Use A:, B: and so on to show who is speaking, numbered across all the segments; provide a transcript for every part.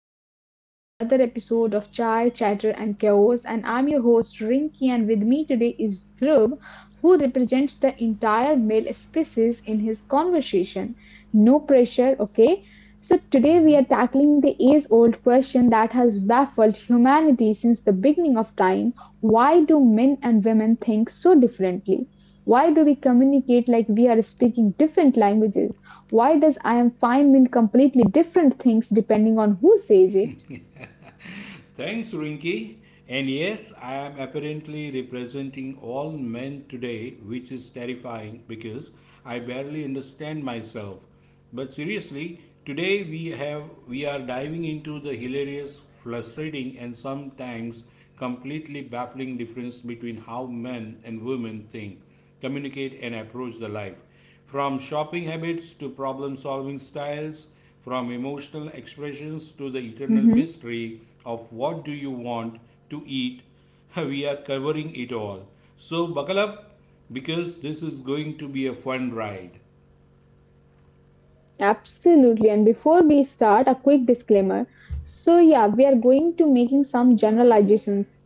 A: and welcome to the another episode of Chai, Chatter, and Chaos. And I'm your host Rinki, and with me today is Dhruv, who represents the entire male species in his conversation. No pressure, okay? So today we are tackling the age-old question that has baffled humanity since the beginning of time: why do men and women think so differently? Why do we communicate like we are speaking different languages? Why does I am fine mean completely different things depending on who says it?
B: Thanks, Rinky. And yes, I am apparently representing all men today, which is terrifying because I barely understand myself. But seriously, today we have we are diving into the hilarious, frustrating, and sometimes completely baffling difference between how men and women think, communicate, and approach the life. From shopping habits to problem solving styles, from emotional expressions to the eternal
A: Mhm.
B: mystery of what do you want to eat, we are covering it all. So buckle up because this is going to be a fun ride.
A: Absolutely. And before we start, a quick disclaimer. So yeah, we are going to making some generalizations.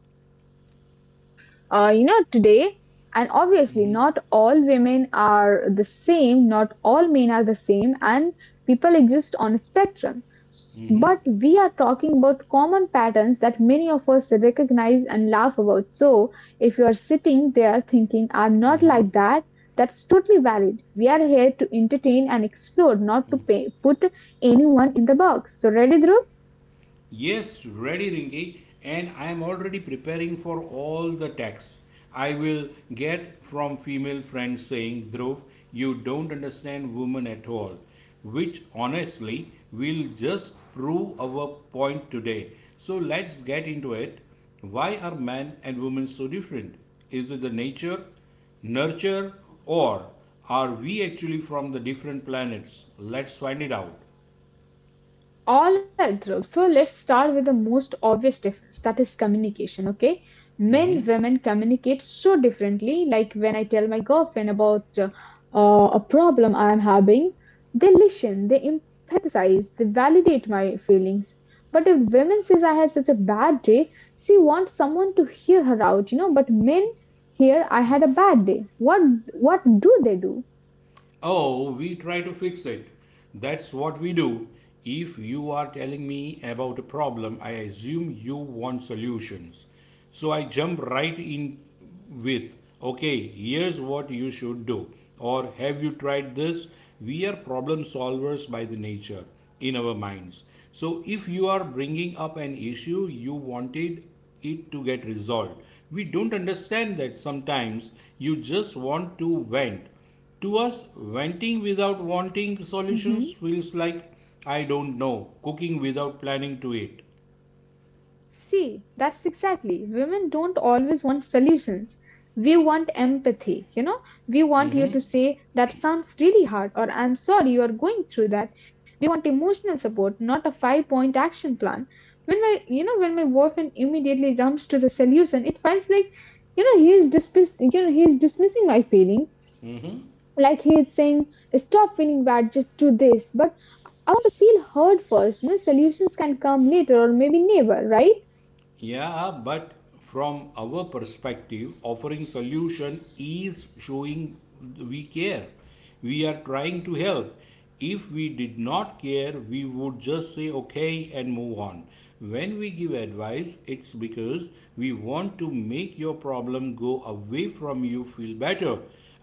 A: You know, today, and obviously, not all women are the same, not all men are the same, and people exist on a spectrum.
B: Mhm.
A: But we are talking about common patterns that many of us recognize and laugh about. So, if you are sitting there thinking, I'm not like that, that's totally valid. We are here to entertain and explore, not to pay, put anyone in the box. So, ready, Dhruv?
B: Yes, ready, Ringy, and I am already preparing for all the texts I will get from female friends saying, Dhruv, you don't understand women at all. Which honestly will just prove our point today. So let's get into it. Why are men and women so different? Is it the nature, nurture, or are we actually from the different planets? Let's find it out.
A: All right, Dhruv. So let's start with the most obvious difference that is communication, okay? Men, women communicate so differently. Like when I tell my girlfriend about a problem I'm having, they listen, they empathize, they validate my feelings. But if women says I had such a bad day, she wants someone to hear her out, you know. But men hear I had a bad day. What do they do?
B: Oh, we try to fix it. That's what we do. If you are telling me about a problem, I assume you want solutions. So I jump right in with, okay, here's what you should do. Or have you tried this? We are problem solvers by the nature in our minds. So if you are bringing up an issue, you wanted it to get resolved. We don't understand that sometimes you just want to vent to us, venting without wanting solutions feels like I don't know, cooking without planning to eat.
A: See, that's exactly. Women don't always want solutions. We want empathy, you know? We want you to say, that sounds really hard, or I'm sorry you are going through that. We want emotional support, not a 5 point action plan. When my, you know, when my boyfriend immediately jumps to the solution, it feels like, you know, he is dismissing my feelings. Like he is saying, stop feeling bad, just do this. But I want to feel heard first. You know, solutions can come later or maybe never, right?
B: Yeah, but from our perspective, offering solution is showing we care. We are trying to help. If we did not care, we would just say okay and move on. When we give advice, it's because we want to make your problem go away from you, feel better.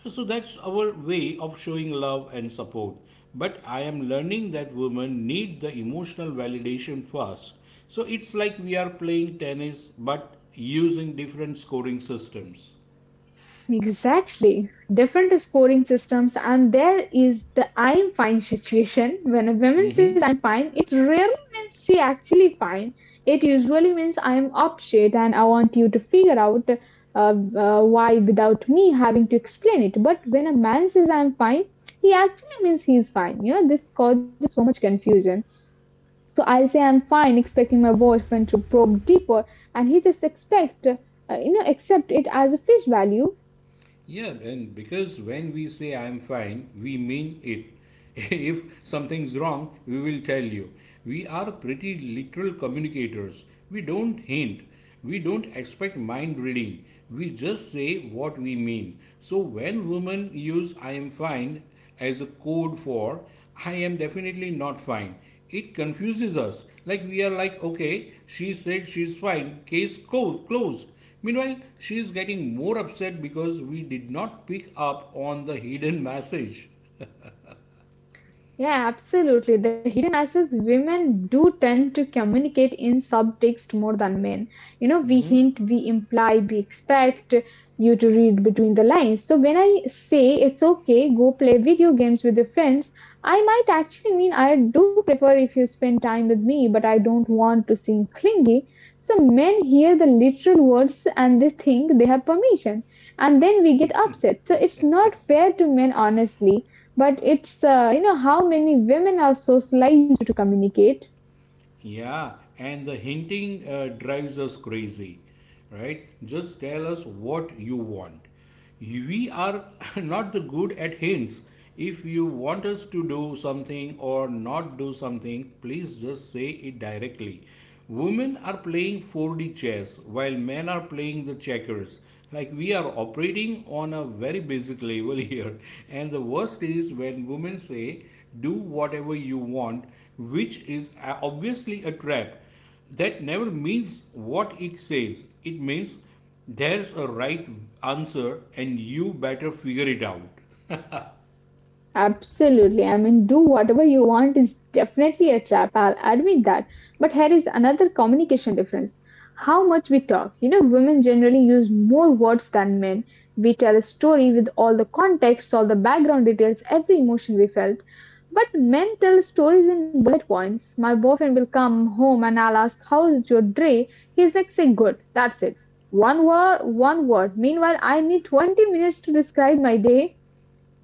B: So that's our way of showing love and support. But I am learning that women need the emotional validation first, so it's like we are playing tennis but using different scoring systems.
A: Exactly. Different scoring systems, and there is the I'm fine situation. When a woman says I'm fine, it rarely means she actually fine. It usually means I'm upset and I want you to figure out uh, why without me having to explain it. But when a man says I'm fine, he actually means he's fine. You know, this causes so much confusion. So I'll say I'm fine, expecting my boyfriend to probe deeper, and he just accept it as a fish value.
B: Yeah, and because when we say I'm fine, we mean it. If something's wrong, we will tell you. We are pretty literal communicators. We don't hint. We don't expect mind reading. We just say what we mean. So when women use I am fine as a code for I am definitely not fine, it confuses us. Like we are like, okay, she said she's fine, case closed. Meanwhile, she is getting more upset because we did not pick up on the hidden message.
A: Yeah, absolutely. The hidden message women do tend to communicate in subtext more than men. You know, we hint, we imply, we expect you to read between the lines. So when I say it's okay, go play video games with your friends, I might actually mean I do prefer if you spend time with me, but I don't want to seem clingy. So men hear the literal words and they think they have permission, and then we get upset. So it's not fair to men, honestly, but it's you know how many women are socialized to communicate.
B: Yeah, and the hinting drives us crazy, right? Just tell us what you want. We are not good at hints. If you want us to do something or not do something, please just say it directly. Women are playing 4D chess while men are playing the checkers. Like we are operating on a very basic level here. And the worst is when women say, do whatever you want, which is obviously a trap. That never means what it says. It means there's a right answer and you better figure it out.
A: Absolutely. I mean, do whatever you want is definitely a trap. I'll admit that. But here is another communication difference. How much we talk. You know, women generally use more words than men. We tell a story with all the context, all the background details, every emotion we felt. But men tell stories in bullet points. My boyfriend will come home and I'll ask, how's your day? He's like, say good. That's it. One word. Meanwhile, I need 20 minutes to describe my day.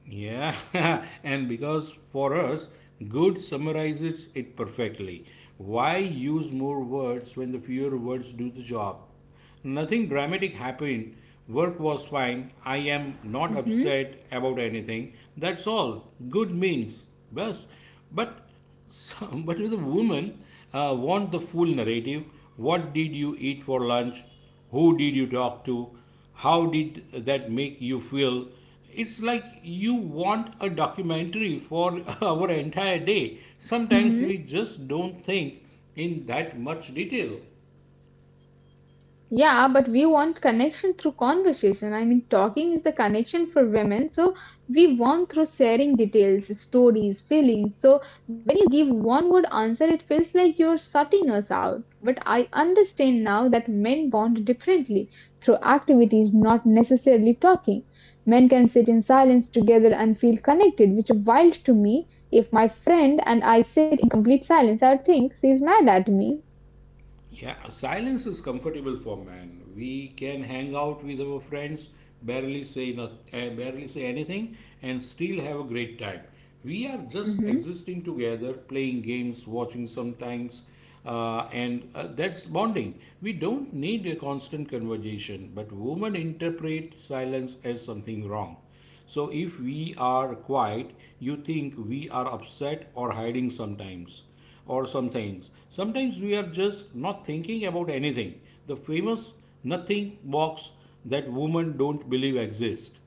B: Yeah, and because for us, good summarizes it perfectly. Why use more words when the fewer words do the job? Nothing dramatic happened. Work was fine. I am not
A: Mhm.
B: upset about anything. That's all good means. Bas. But but with a woman, want the full narrative. What did you eat for lunch? Who did you talk to? How did that make you feel? It's like you want a documentary for our entire day. Sometimes we just don't think in that much detail.
A: Yeah, but we want connection through conversation. I mean, talking is the connection for women. So we want through sharing details, stories, feelings. So when you give one word answer, it feels like you're shutting us out. But I understand now that men bond differently through activities, not necessarily talking. Men can sit in silence together and feel connected, which is wild to me. If my friend and I sit in complete silence, I would think she's mad at me.
B: Yeah, silence is comfortable for man. We can hang out with our friends, barely say not, barely say anything, and still have a great time. We are just existing together, playing games, watching sometimes, and that's bonding. We don't need a constant conversation, but women interpret silence as something wrong. So if we are quiet, you think we are upset or hiding sometimes or some things. Sometimes we are just not thinking about anything. The famous nothing box that women don't believe exists.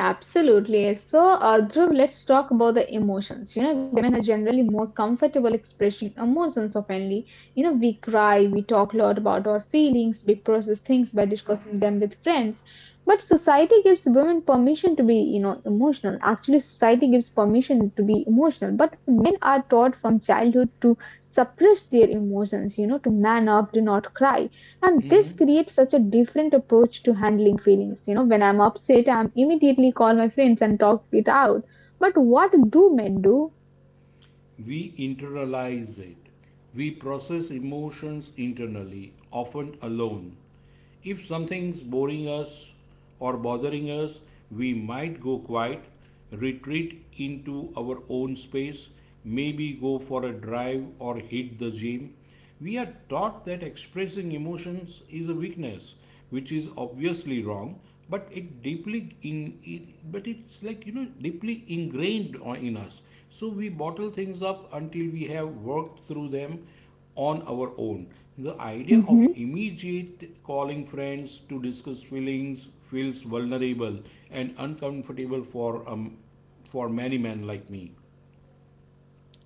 A: Yeah, absolutely. So, Dhruv, let's talk about the emotions. You know, women are generally more comfortable expressing emotions openly. You know, we cry, we talk a lot about our feelings, we process things by discussing them with friends. But society gives women permission to be, you know, emotional. Actually, society gives permission to be emotional. But men are taught from childhood to suppress their emotions, you know, to man up, to not cry. And this creates such a different approach to handling feelings. You know, when I'm upset, I'm immediately call my friends and talk it out. But what do men do?
B: We internalize it. We process emotions internally, often alone. If something's boring us or bothering us, we might go quiet, retreat into our own space, maybe go for a drive or hit the gym. We are taught that expressing emotions is a weakness, which is obviously wrong, but it deeply in it, but it's like you know deeply ingrained in us. So we bottle things up until we have worked through them on our own. The idea of
A: Mm-hmm.
B: immediate calling friends to discuss feelings feels vulnerable and uncomfortable for many men like me.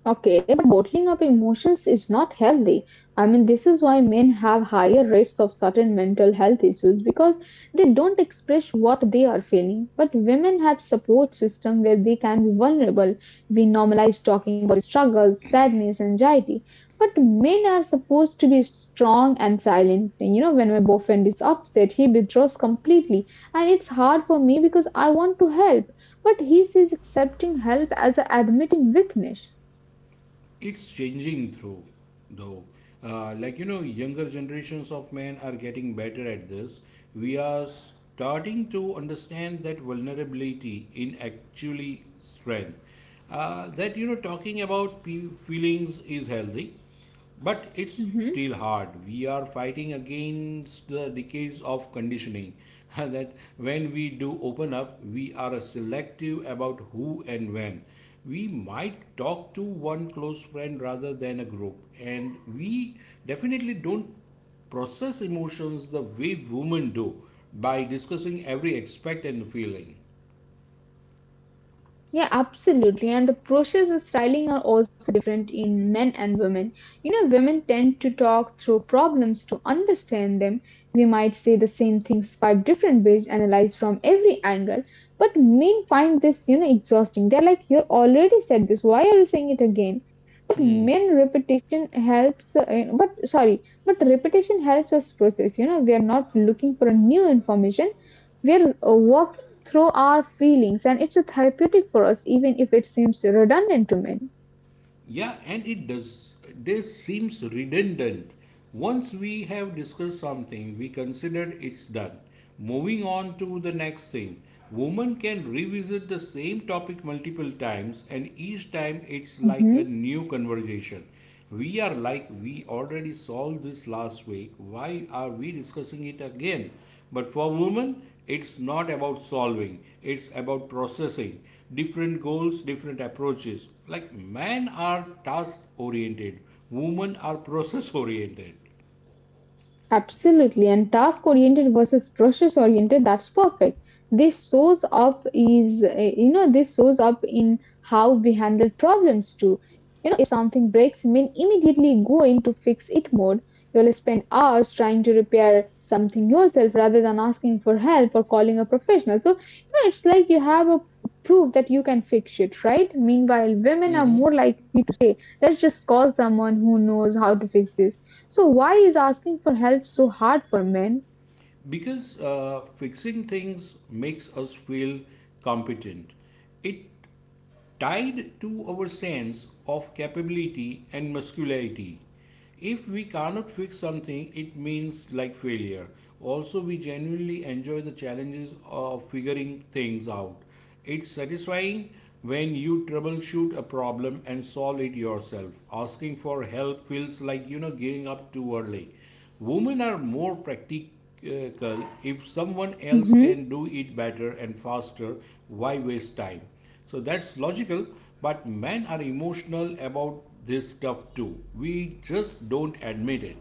A: Okay, but bottling up emotions is not healthy. I mean, this is why men have higher rates of certain mental health issues because they don't express what they are feeling. But women have support system where they can be vulnerable. We normalize talking about struggles, sadness, anxiety. But men are supposed to be strong and silent. You know, when my boyfriend is upset, he withdraws completely, and it's hard for me because I want to help, but he sees accepting help as admitting weakness.
B: It's changing through though, like you know younger generations of men are getting better at this. We are starting to understand that vulnerability in actually strength, that you know talking about feelings is healthy, but it's
A: Hmm.
B: still hard. We are fighting against the decades of conditioning that when we do open up, we are selective about who and when. We might talk to one close friend rather than a group, and we definitely don't process emotions the way women do by discussing every aspect and feeling.
A: Yeah, absolutely. And the brushes and styling are also different in men and women. You know, women tend to talk through problems to understand them. We might say the same things five different ways, analyzed from every angle. But men find this, you know, exhausting. They're like, you already said this. Why are you saying it again? But
B: Hmm.
A: men repetition helps. But repetition helps us process. You know, we are not looking for a new information. We are working through our feelings and it's a therapeutic for us even if it seems redundant to many.
B: Yeah, and it does. This seems redundant. Once we have discussed something, we consider it's done. Moving on to the next thing. Women can revisit the same topic multiple times, and each time it's like a
A: Mhm.
B: new conversation. We are like, we already solved this last week. Why are we discussing it again? But for women, it's not about solving, it's about processing. Different goals, different approaches. Like men are task oriented, women are process oriented.
A: Absolutely, and task oriented versus process oriented, that's perfect. This shows up in how we handle problems too. If something breaks in immediately go into fix-it mode. You'll spend hours trying to repair something yourself rather than asking for help or calling a professional. So, you know, it's like you have a proof that you can fix it, right? Meanwhile, women are
B: Hmm.
A: more likely to say, let's just call someone who knows how to fix this. So, why is asking for help so hard for men?
B: Because fixing things makes us feel competent. It tied to our sense of capability and muscularity. If we cannot fix something, it means like failure. Also, we genuinely enjoy the challenges of figuring things out. It's satisfying when you troubleshoot a problem and solve it yourself. Asking for help feels like you know giving up too early. Women are more if someone else can
A: Mhm.
B: do it better and faster, why waste time? So that's logical, but men are emotional about this stuff too. We just don't admit it.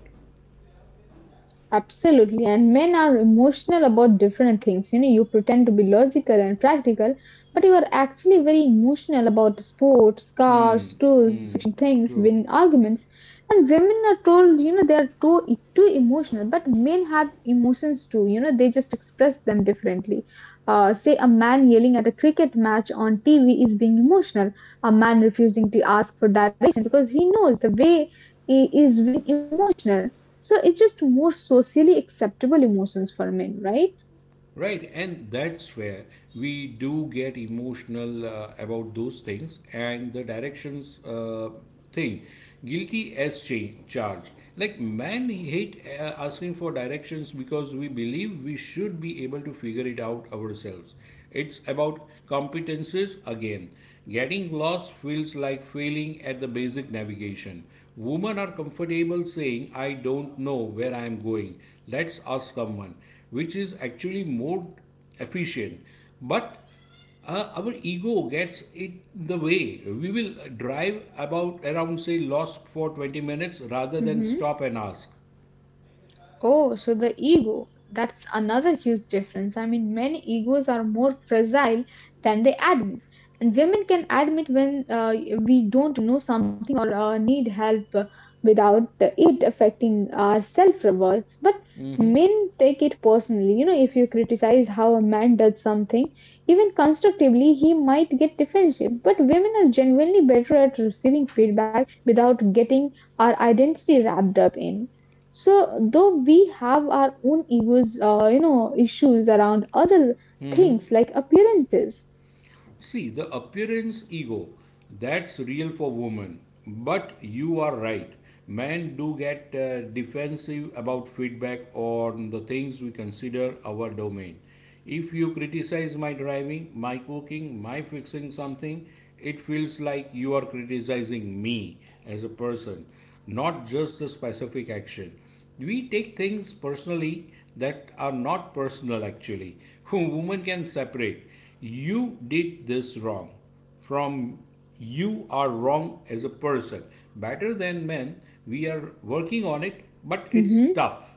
A: Absolutely. And men are emotional about different things. You know, you pretend to be logical and practical, but you are actually very emotional about sports, cars, tools, fixing things,
B: True.
A: winning arguments. And women are told, you know, they are too emotional, but men have emotions too. You know, they just express them differently. Say a man yelling at a cricket match on TV is being emotional. A man refusing to ask for direction because he knows the way he is being emotional. So it's just more socially acceptable emotions for men, right?
B: Right, and that's where we do get emotional about those things and the directions thing. Guilty as charged. Like, man hate asking for directions because we believe we should be able to figure it out ourselves. It's about competences again. Getting lost feels like failing at the basic navigation. Women are comfortable saying, I don't know where I am going. Let's ask someone, which is actually more efficient. But our ego gets it the way. We will drive about around, say, lost for 20 minutes rather than
A: Mhm.
B: stop and ask.
A: Oh, so the ego. That's another huge difference. I mean, men egos are more fragile than they admit. And women can admit when we don't know something or need help without it affecting our self worth. But men take it personally. You know, if you criticize how a man does something, even constructively, he might get defensive. But women are genuinely better at receiving feedback without getting our identity wrapped up in. So though we have our own egos, issues around other things like appearances.
B: See, the appearance ego, that's real for women. But you are right. Men do get defensive about feedback on the things we consider our domain. If you criticize my driving, my cooking, my fixing something, it feels like you are criticizing me as a person, not just the specific action. We take things personally that are not personal actually. Women can separate you did this wrong from you are wrong as a person better than men. We are working on it, but it's
A: Mhm.
B: tough.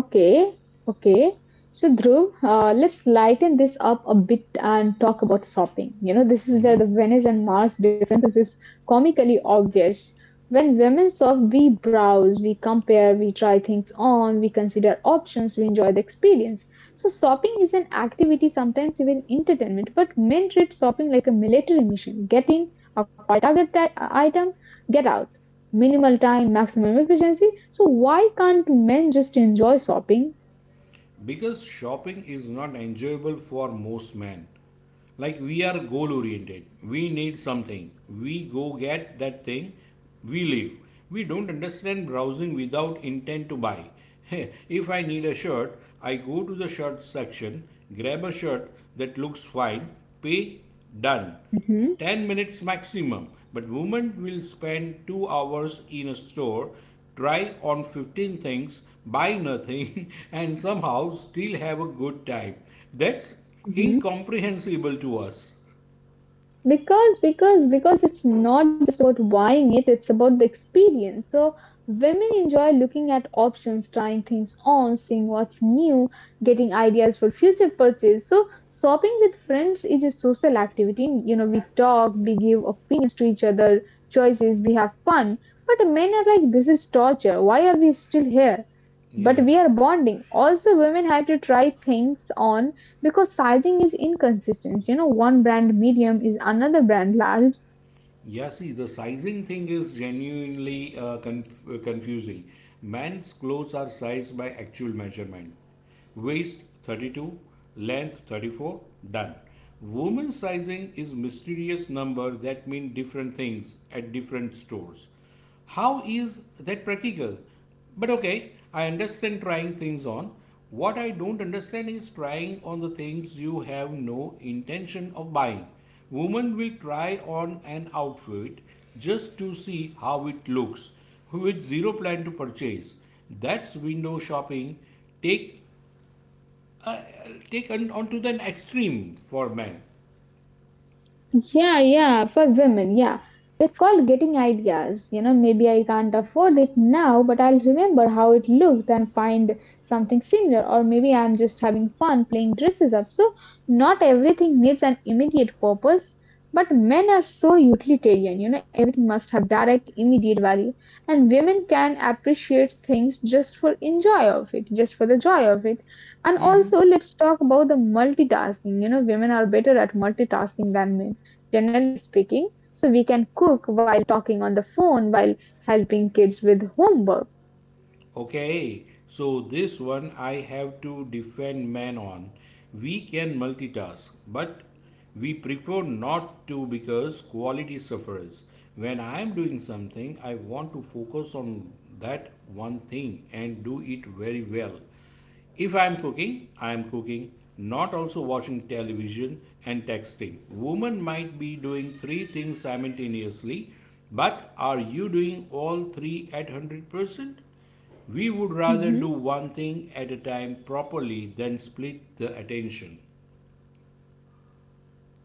A: Okay, okay. So, Dhruv, let's lighten this up a bit and talk about shopping. You know, this is where the Venice and Mars differences is comically obvious. When women shop, we browse, we compare, we try things on, we consider options, we enjoy the experience. So, shopping is an activity, sometimes even entertainment, but men treat shopping like a military mission. Get in, acquire target item, get out. Minimal time, maximum efficiency. So why can't men just enjoy shopping?
B: Because shopping is not enjoyable for most men. Like we are goal oriented, we need something, we go get that thing, we leave. We don't understand browsing without intent to buy. If I need a shirt, I go to the shirt section, grab a shirt that looks fine, pay, done.
A: Mhm,
B: 10 minutes maximum, but women will spend 2 hours in a store, try on 15 things, buy nothing, and somehow still have a good time. That's
A: mhm.
B: incomprehensible to us.
A: Because it's not just about buying it, it's about the experience. So women enjoy looking at options, trying things on, seeing what's new, getting ideas for future purchase. So shopping with friends is a social activity. You know, we talk, we give opinions to each other, choices, we have fun. But men are like, this is torture. Why are we still here?
B: Yeah.
A: But we are bonding. Also, women have to try things on because sizing is inconsistent. You know, one brand medium is another brand large.
B: Yeah, see, the sizing thing is genuinely confusing. Men's clothes are sized by actual measurement. Waist 32, length 34, done. Women's sizing is mysterious number that mean different things at different stores. How is that practical? But okay, I understand trying things on. What I don't understand is trying on the things you have no intention of buying. Women will try on an outfit just to see how it looks, with zero plan to purchase. That's window shopping. Take take on to the extreme for men.
A: Yeah, yeah, for women, yeah. It's called getting ideas. You know, maybe I can't afford it now, but I'll remember how it looked and find something similar. Or maybe I'm just having fun playing dresses up. So, not everything needs an immediate purpose, but men are so utilitarian. You know, everything must have direct, immediate value. And women can appreciate things just for enjoy of it, just for the joy of it. And also, let's talk about the multitasking. Women are better at multitasking than men, generally speaking, so we can cook while talking on the phone while helping kids with homework.
B: Okay, so this one I have to defend man on. We can multitask, but we prefer not to because quality suffers. When I am doing something, I want to focus on that one thing and do it very well. If I am cooking, I am cooking, not also watching television and texting. Women might be doing three things simultaneously, but are you doing all three at 100%? We would rather do
A: Mhm.
B: one thing at a time properly than split the attention.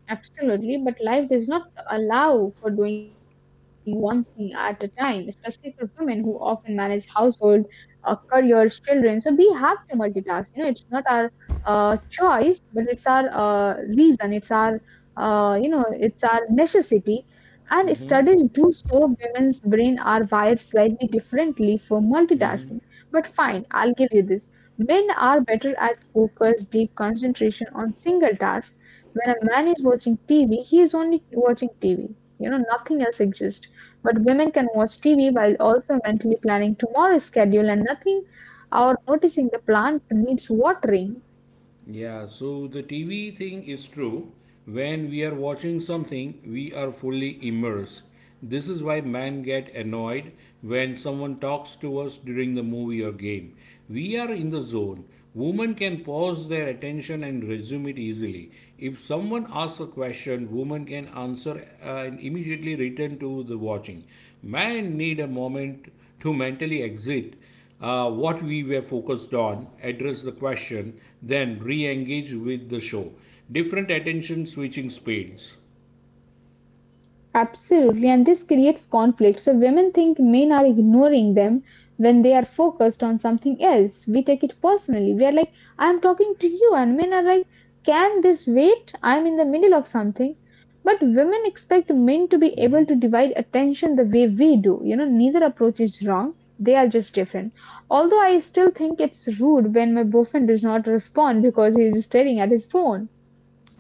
A: Absolutely, but life does not allow for doing one thing at a time, especially for women who often manage household, careers, children. So we have to multitask. It's not our choice, but it's our reason. It's our it's our necessity. And studies do show women's brain are wired slightly differently for
B: Mhm.
A: multitasking. But fine, I'll give you this. Men are better at focus, deep concentration on single task. When a man is watching TV, he is only watching TV. Nothing else exists. But women can watch TV while also mentally planning tomorrow's schedule and nothing or noticing the plant needs watering.
B: Yeah, so the TV thing is true. When we are watching something, we are fully immersed. This is why man get annoyed when someone talks to us during the movie or game. We are in the zone. Women can pause their attention and resume it easily. If someone asks a question, women can answer, and immediately return to the watching. Man need a moment to mentally exit what we were focused on, address the question, then re engage with the show. Different attention switching speeds.
A: Absolutely, and this creates conflict. So women think men are ignoring them when they are focused on something else. We take it personally. We are like, I'm talking to you, and men are like, can this wait? I'm in the middle of something. But women expect men to be able to divide attention the way we do. Neither approach is wrong. They are just different. Although I still think it's rude when my boyfriend does not respond because he is staring at his phone.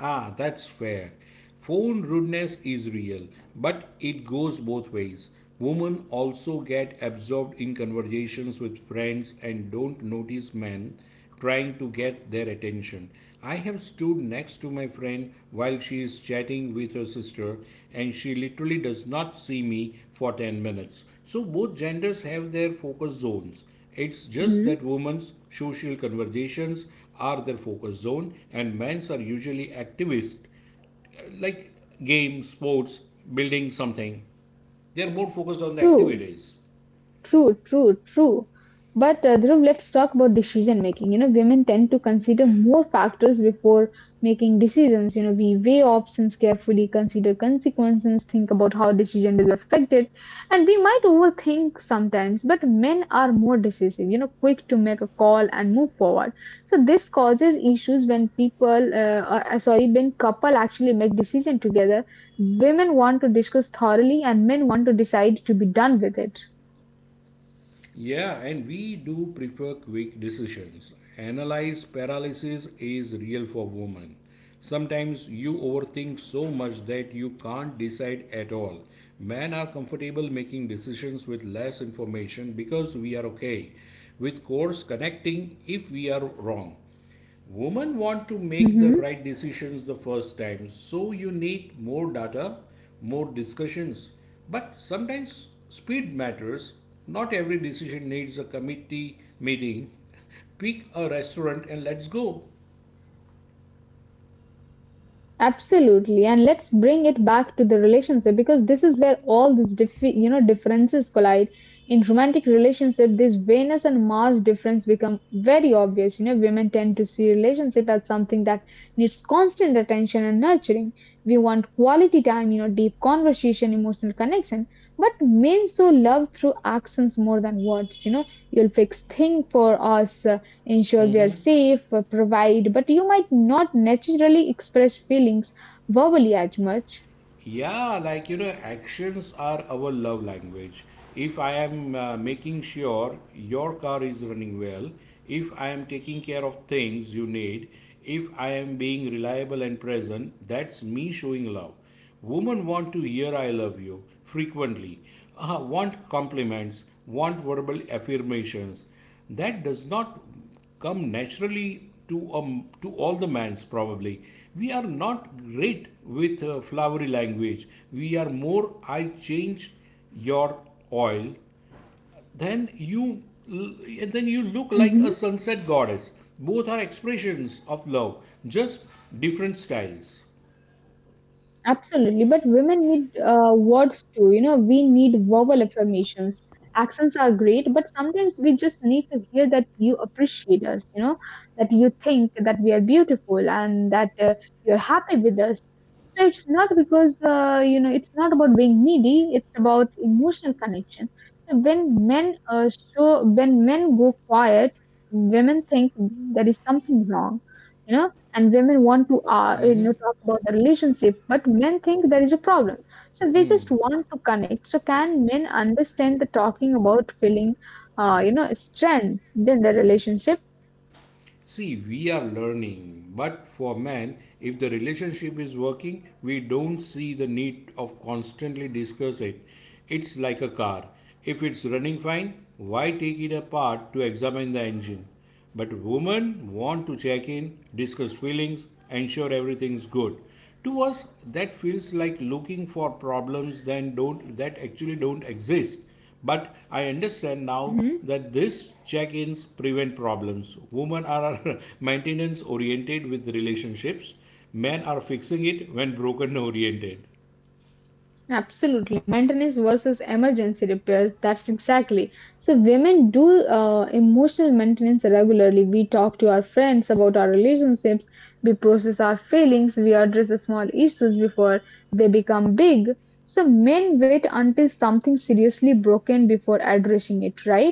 B: Ah, that's fair. Phone rudeness is real, but it goes both ways. Women also get absorbed in conversations with friends and don't notice men trying to get their attention. I have stood next to my friend while she is chatting with her sister, and she literally does not see me for 10 minutes. So, both genders have their focus zones. It's just
A: Hmm.
B: that women's social conversations are their focus zone, and men's are usually activists like games, sports, building something. They are more focused on the
A: True.
B: activities.
A: True, true, true. But Dhruv, let's talk about decision making. Women tend to consider more factors before making decisions. We weigh options carefully, consider consequences, think about how decision will be affected, and we might overthink sometimes. But men are more decisive. Quick to make a call and move forward. So this causes issues when when couple actually make decision together. Women want to discuss thoroughly, and men want to decide to be done with it.
B: Yeah, and we do prefer quick decisions. Analyze paralysis is real for women. Sometimes you overthink so much that you can't decide at all. Men are comfortable making decisions with less information because we are okay with course connecting if we are wrong. Women want to make the
A: Mm-hmm.
B: right decisions the first time, so you need more data, more discussions. But sometimes speed matters. Not every decision needs a committee meeting. Pick a restaurant and let's go.
A: Absolutely, and let's bring it back to the relationship because this is where all these differences collide. In romantic relationship, this Venus and Mars difference become very obvious. Women tend to see relationship as something that needs constant attention and nurturing. We want quality time, you know, deep conversation, emotional connection. But men so love through actions more than words. You'll fix thing for us, ensure we are safe, provide, but you might not naturally express feelings verbally as much.
B: Yeah, like you know, actions are our love language. If I am making sure your car is running well, if I am taking care of things you need, if I am being reliable and present, that's me showing love. Women want to hear I love you frequently, want compliments, want verbal affirmations. That does not come naturally to all the mans probably we are not great with flowery language we are more I changed your oil, then you, and then you look like a
A: Mm-hmm.
B: sunset goddess. Both are expressions of love, just different styles.
A: Absolutely, but women need words too. We need verbal affirmations. Accents are great, but sometimes we just need to hear that you appreciate us, you know, that you think that we are beautiful and that you're happy with us. So it's not because, it's not about being needy, it's about emotional connection. So when men go quiet, women think there is something wrong. You know, and women want to talk about the relationship, but men think there is a problem, so they just want to connect. So can men understand the talking about feeling strength in the relationship?
B: See, we are learning, but for man, if the relationship is working, we don't see the need of constantly discuss it. It's like a car. If it's running fine, why take it apart to examine the engine? But women want to check in, discuss feelings, ensure everything's good. To us, that feels like looking for problems that don't that actually don't exist. But I understand now
A: Mhm.
B: that these check-ins prevent problems. Women are maintenance oriented with relationships. Men are fixing it when broken oriented.
A: Absolutely. Maintenance versus emergency repairs. That's exactly. So, women do emotional maintenance regularly. We talk to our friends about our relationships. We process our feelings. We address the small issues before they become big. So, men wait until something seriously broken before addressing it, right?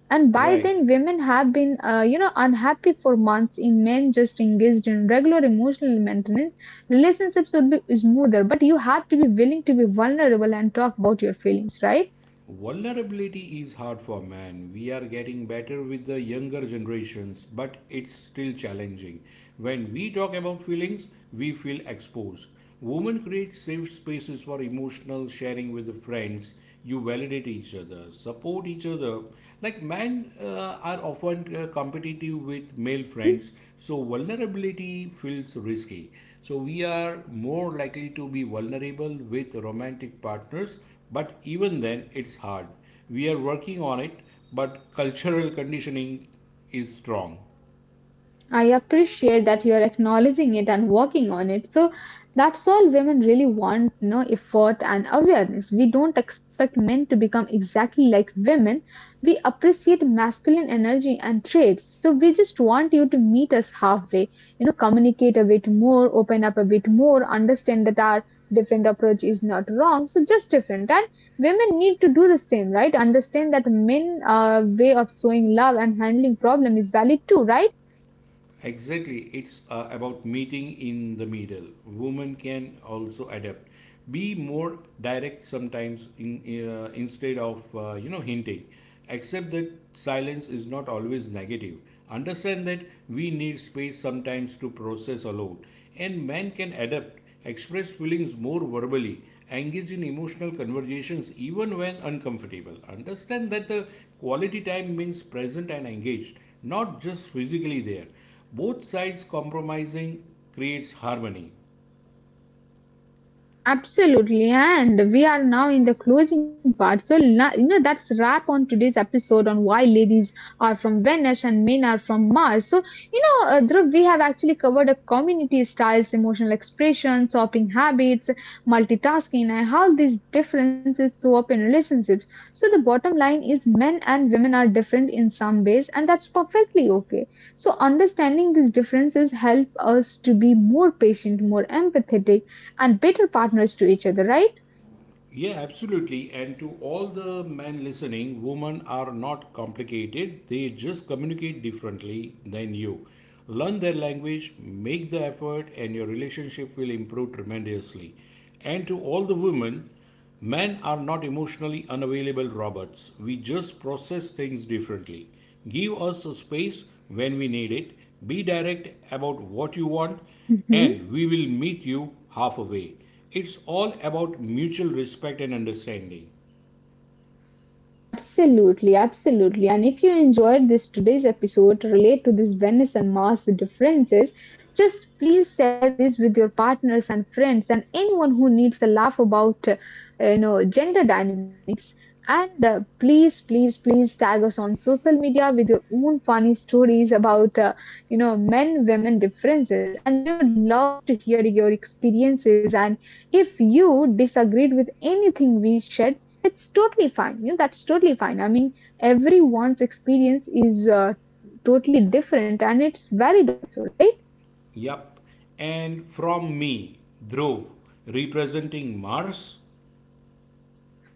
A: And by
B: Right.
A: then, women have been unhappy for months in men just engaged in regular emotional maintenance. Relationships would be smoother, but you have to be willing to be vulnerable and talk about your feelings, right?
B: Vulnerability is hard for man. We are getting better with the younger generations, but it's still challenging. When we talk about feelings, we feel exposed. Women create safe spaces for emotional sharing with the friends. You validate each other, support each other. Like men are often competitive with male
A: Mhm.
B: friends, so vulnerability feels risky. So we are more likely to be vulnerable with romantic partners, but even then, it's hard. We are working on it, but cultural conditioning is strong.
A: I appreciate that you're acknowledging it and working on it. So that's all women really want, you know, effort and awareness. We don't expect men to become exactly like women. We appreciate masculine energy and traits. So we just want you to meet us halfway, you know, communicate a bit more, open up a bit more, understand that our different approach is not wrong. So just different. And women need to do the same, right? Understand that men way of showing love and handling problem is valid too, right?
B: Exactly, it's about meeting in the middle. Women can also adapt, be more direct sometimes in, instead of hinting. Accept that silence is not always negative. Understand that we need space sometimes to process alone, and men can adapt, express feelings more verbally, engage in emotional conversations even when uncomfortable. Understand that the quality time means present and engaged, not just physically there. Both sides compromising creates harmony.
A: Absolutely, and we are now in the closing part. So, that's wrap on today's episode on why ladies are from Venus and men are from Mars. So, Dhruv, we have actually covered a community styles, emotional expression, shopping habits, multitasking, and how these differences show up in relationships. So, the bottom line is men and women are different in some ways, and that's perfectly okay. So, understanding these differences help us to be more patient, more empathetic and better partners to each other, right?
B: Yeah, absolutely. And to all the men listening, women are not complicated. They just communicate differently than you. Learn their language, make the effort, and your relationship will improve tremendously. And to all the women, men are not emotionally unavailable robots. We just process things differently. Give us a space when we need it. Be direct about what you want,
A: Mhm.
B: and we will meet you halfway. It's all about mutual respect and understanding.
A: Absolutely, absolutely. And if you enjoyed this today's episode, relate to this Venice and Mars differences, just please share this with your partners and friends and anyone who needs a laugh about gender dynamics. And please, please, please tag us on social media with your own funny stories about men women differences. And we would love to hear your experiences. And if you disagreed with anything we shared, it's totally fine. You know, that's totally fine. I mean, everyone's experience is totally different and it's valid also, right?
B: Yup. And from me, Dhruv, representing Mars.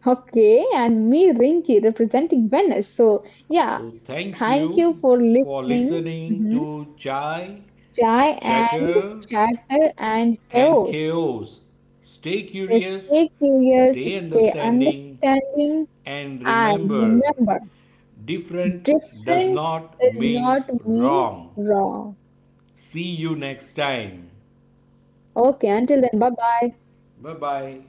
A: Okay, and me, Rinki, representing Venice. So, yeah,
B: So thank
A: thank you
B: you
A: for
B: for
A: listening.
B: listening
A: Mhm.
B: to Chai,
A: Chai and
B: Chatter,
A: chatter and
B: and
A: chaos.
B: Chaos. Stay
A: So,
B: curious,
A: stay curious,
B: stay
A: stay
B: understanding,
A: understanding,
B: and
A: and
B: remember
A: remember,
B: different does
A: different
B: not
A: does
B: mean
A: not mean
B: wrong.
A: wrong.
B: See you next time.
A: Okay, until then, bye bye.
B: Bye bye.